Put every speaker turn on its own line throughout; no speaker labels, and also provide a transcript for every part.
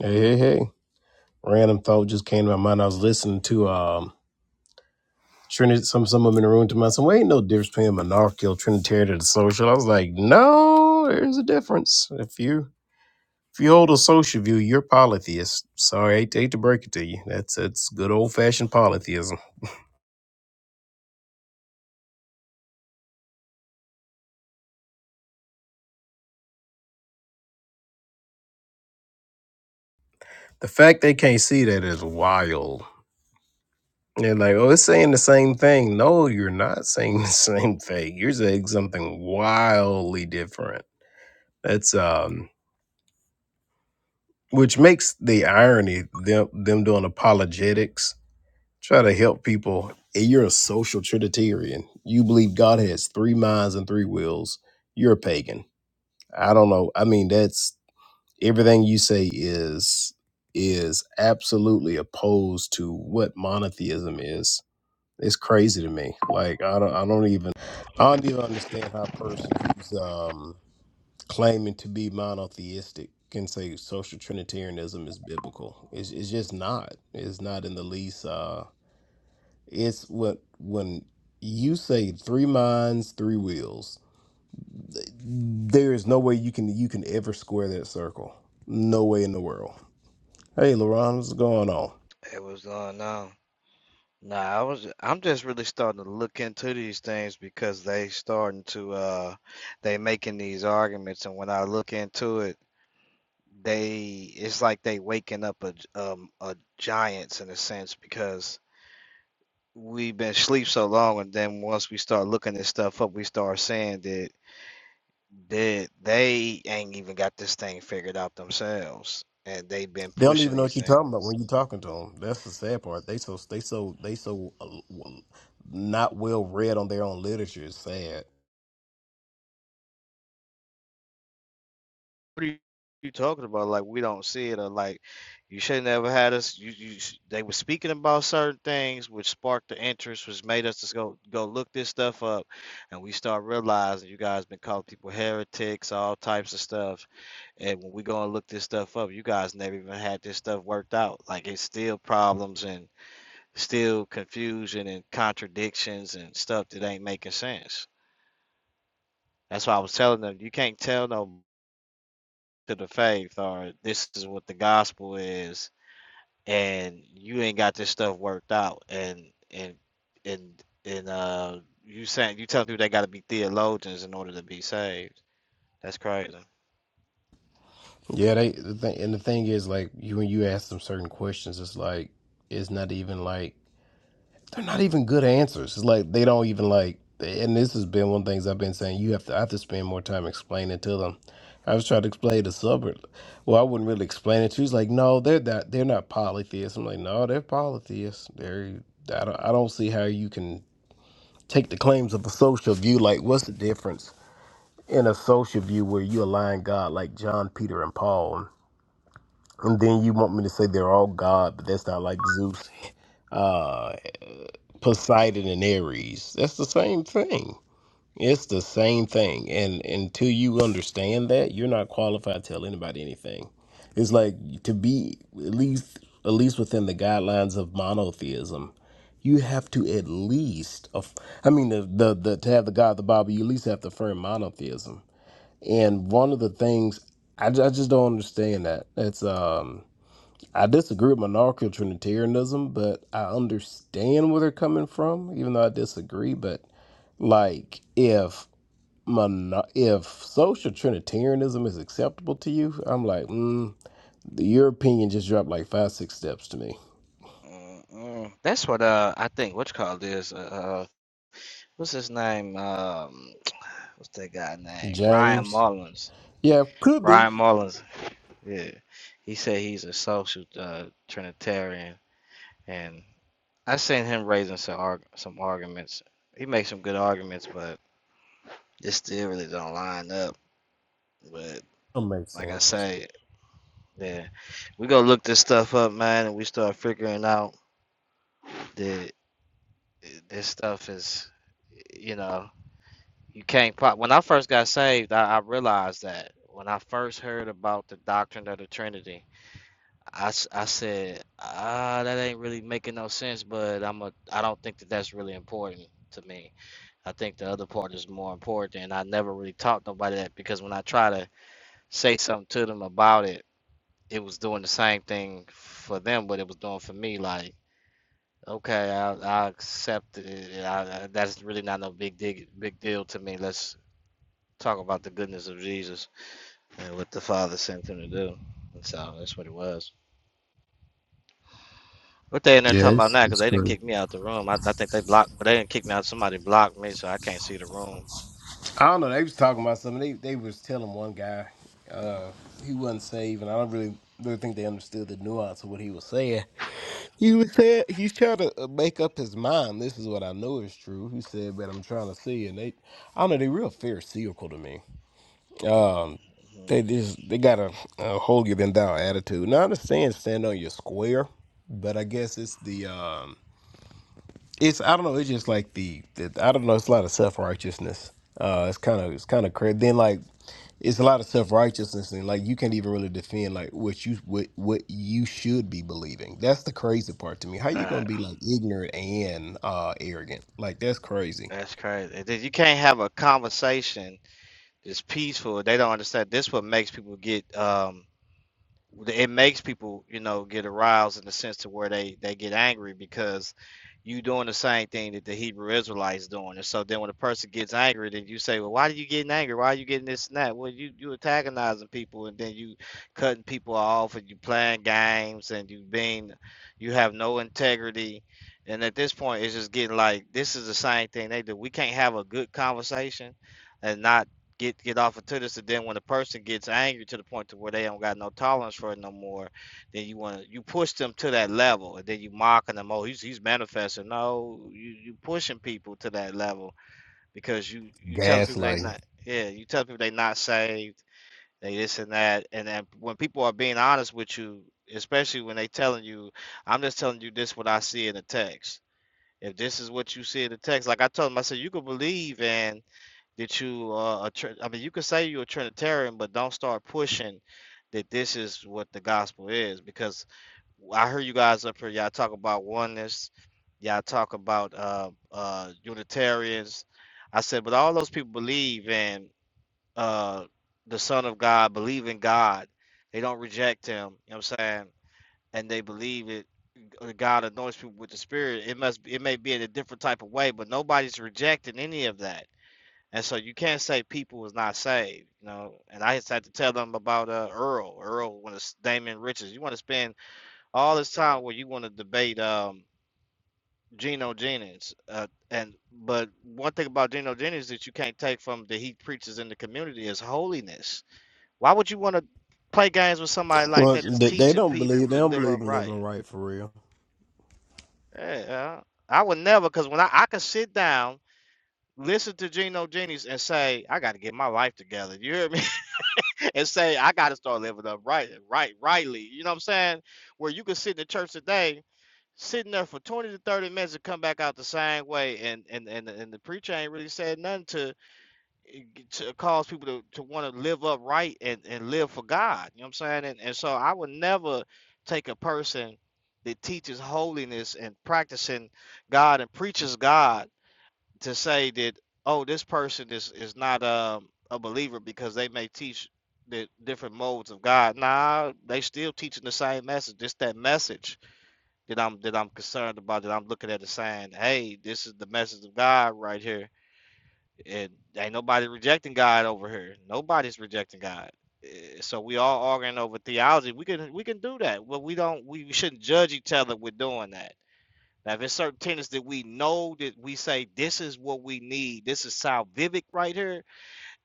Hey, hey, hey. Random thought just came to my mind. I was listening to um Trinity some some of them in the room to myself. Well, ain't no difference between a monarchical Trinitarian and a social. I was like, no, there's a difference. If you if you hold a social view, you're polytheist. Sorry, I hate, hate to break it to you. That's that's good old fashioned polytheism. The fact they can't see that is wild. They're like, oh, it's saying the same thing. No, you're not saying the same thing. You're saying something wildly different. That's um which makes the irony them them doing apologetics try to help people and you're a social trinitarian you believe god has three minds and three wills you're a pagan i don't know i mean that's everything you say is is absolutely opposed to what monotheism is it's crazy to me like i don't i don't even i don't even understand how a person who's um claiming to be monotheistic can say social trinitarianism is biblical. It's, it's just not. It's not in the least. Uh, it's what when you say three minds, three wills. There is no way you can you can ever square that circle. No way in the world. Hey, Laron, what's going on?
Hey, what's going on? Nah, I was I'm just really starting to look into these things because they starting to uh they making these arguments and when I look into it, they it's like they waking up a um a giants in a sense because we've been asleep so long and then once we start looking this stuff up, we start saying that that they ain't even got this thing figured out themselves and they've been
They don't
pushing
even know what
these
you're
things.
talking about when you're talking to them. That's the sad part. They so they so they so uh, not well read on their own literature. It's sad.
what are you you talking about? Like we don't see it, or like you should never had us. You, you sh- they were speaking about certain things which sparked the interest, which made us just go go look this stuff up, and we start realizing you guys been calling people heretics, all types of stuff. And when we go and look this stuff up, you guys never even had this stuff worked out. Like it's still problems and still confusion and contradictions and stuff that ain't making sense. That's why I was telling them you can't tell no to the faith or this is what the gospel is and you ain't got this stuff worked out and and and and uh you saying you telling people they got to be theologians in order to be saved that's crazy
Yeah, they the thing, and the thing is, like you when you ask them certain questions, it's like it's not even like they're not even good answers. It's like they don't even like. And this has been one of the things I've been saying. You have to I have to spend more time explaining to them. I was trying to explain to Suburb. Well, I wouldn't really explain it. She was like, "No, they're not. They're not polytheists." I'm like, "No, they're polytheists. They're. I don't. I don't see how you can take the claims of a social view. Like, what's the difference in a social view where you align God, like John, Peter, and Paul? And then you want me to say they're all God, but that's not like Zeus, uh, Poseidon, and Ares. That's the same thing. It's the same thing. And until you understand that, you're not qualified to tell anybody anything. It's like to be at least at least within the guidelines of monotheism, you have to at least aff- I mean the the, the to have the God of the Bible, you at least have to affirm monotheism. And one of the things I, ju- I just don't understand that. That's um I disagree with monarchical Trinitarianism, but I understand where they're coming from, even though I disagree. But like, if mono- if social Trinitarianism is acceptable to you, I'm like, mm, the European just dropped like five, six steps to me.
Mm-mm. that's what uh i think what you call this uh uh, what's his name um what's that guy name ryan
James,
mullins
yeah, could be.
ryan mullins yeah he said he's a social uh trinitarian and I seen him raising some arg- some arguments. He makes some good arguments, but it still really don't line up. But
That makes
like I
sense.
say, that we go look this stuff up, man, and we start figuring out that uh, this stuff is, you know, you can't pop. When I first got saved, I, I realized that when I first heard about the doctrine of the Trinity, I, s- I said, ah, that ain't really making no sense. But I'm a, I don't think that that's really important to me I think the other part is more important, and I never really taught nobody that because when I try to say something to them about it, it was doing the same thing for them, but it was doing for me. Like, okay, I, I accept it. I, I, that's really not no big dig, big deal to me. Let's talk about the goodness of Jesus and what the Father sent him to do. And so that's what it was. What they in there
Yeah,
talking about
it's,
now? Because
it's
they didn't
great.
kick me out the room. I, I think they blocked. Well, they didn't kick me out. Somebody blocked me, so I can't see the room.
I don't know. They was talking about something. They they was telling one guy, uh, he wasn't saved, and I don't really really think they understood the nuance of what he was saying. He was said he's trying to uh, make up his mind. This is what I know is true. He said, but I'm trying to see, and they, I don't know, they real pharisaical to me. They just they got a, a holier than thou attitude. Now I understand stand on your square, but I guess it's the um, it's I don't know, it's just like the, the I don't know, it's a lot of self righteousness. Uh, it's kind of it's kind of crazy. Then like it's a lot of self righteousness and like you can't even really defend like what you what what you should be believing. That's the crazy part to me. How you
Mhm.
gonna be like ignorant and uh arrogant? Like that's crazy.
That's crazy. It is- You can't have a conversation that's peaceful. They don't understand. This what makes people get um it makes people you know get aroused in the sense to where they they get angry because you doing the same thing that the Hebrew Israelites doing, and so then when a person gets angry, then you say, "Well, why are you getting angry? Why are you getting this and that?" Well, you you antagonizing people, and then you cutting people off, and you playing games, and you being you have no integrity, and at this point, it's just getting like this is the same thing they do. We can't have a good conversation and not get get off into this and then when the person gets angry to the point to where they don't got no tolerance for it no more then you want to you push them to that level and then you mocking them oh he's he's manifesting no you you pushing people to that level because you you telling people they
Gaslighting.
not yeah you telling people they not saved they this and that and then when people are being honest with you especially when they telling you i'm just telling you this what i see in the text if this is what you see in the text like i told them i said you could believe in that you uh, are a tr- I mean, you could say you're a Trinitarian, but don't start pushing that this is what the gospel is. Because I heard you guys up here, y'all talk about oneness, y'all talk about uh, uh, Unitarians. I said, but all those people believe in uh, the Son of God, believe in God. They don't reject Him. You know what I'm saying? And they believe it. uh, God anoints people with the Spirit. It must. It may be in a different type of way, but nobody's rejecting any of that and so you can't say people was not saved, you know. And I just had to tell them about uh, Earl. Earl when it's Damon Richards. You want to spend all this time where you want to debate um, Geno Jennings. Uh, and but one thing about Geno Jennings that you can't take from that he preaches in the community is holiness. Why would you want to play games with somebody like
Well,
that that's
they, they
teaching
don't
people
believe they
to
don't
live
believe in
upright?
living right for real.
Yeah, I would never, because when I, I could sit down listen to Geno Jennings and say, I got to get my life together. You hear me? and say, I gotta start living up right, right, rightly. You know what I'm saying? Where you can sit in the church today, sitting there for 20 to 30 minutes and come back out the same way and and and, and the preacher ain't really said nothing to to cause people to, to want to live up right and, and live for God. You know what I'm saying? And and so I would never take a person that teaches holiness and practicing God and preaches God to say that oh this person is is not um, a believer because they may teach the different modes of God. Nah, they still teaching the same message. It's that message that I'm that I'm concerned about. That I'm looking at and saying, hey, this is the message of God right here, and ain't nobody rejecting God over here. Nobody's rejecting God. Eh, So we all arguing over theology. We can we can do that, but we don't. We shouldn't judge each other with doing that now, there's certain tenants that we know that we say this is what we need. This is South Vivic right here.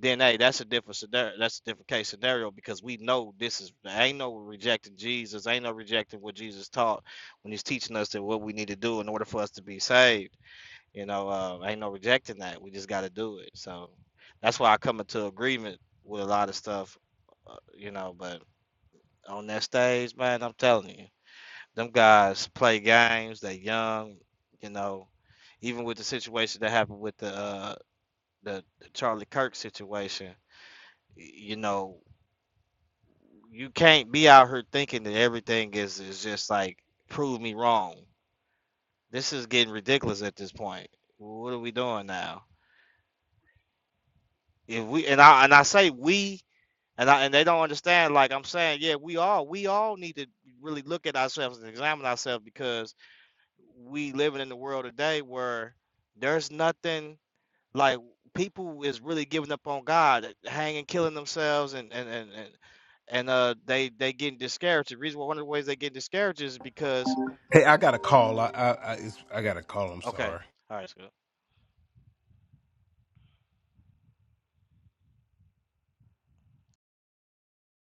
Then, hey, that's a different scenario. That's a different case scenario because we know this is there ain't no rejecting Jesus. Ain't no rejecting what Jesus taught when He's teaching us that what we need to do in order for us to be saved. You know, uh, ain't no rejecting that. We just got to do it. So that's why I come into agreement with a lot of stuff. Uh, you know, but on that stage, man, I'm telling you. Them guys play games. They young, you know. Even with the situation that happened with the uh, the, the Charlie Kirk situation, y- you know, you can't be out here thinking that everything is is just like prove me wrong. This is getting ridiculous at this point. What are we doing now? If we and I and I say we and I and they don't understand. Like I'm saying, yeah, we all we all need to really look at ourselves and examine ourselves because we living in the world today where there's nothing like people is really giving up on God, uh, hanging, killing themselves, and and and and, and uh, they they getting discouraged. The reason why one of the ways they get discouraged is because
Hey, I got a call. I I I, it's, I got a call. I'm
okay, all
sorry.
right, that's good.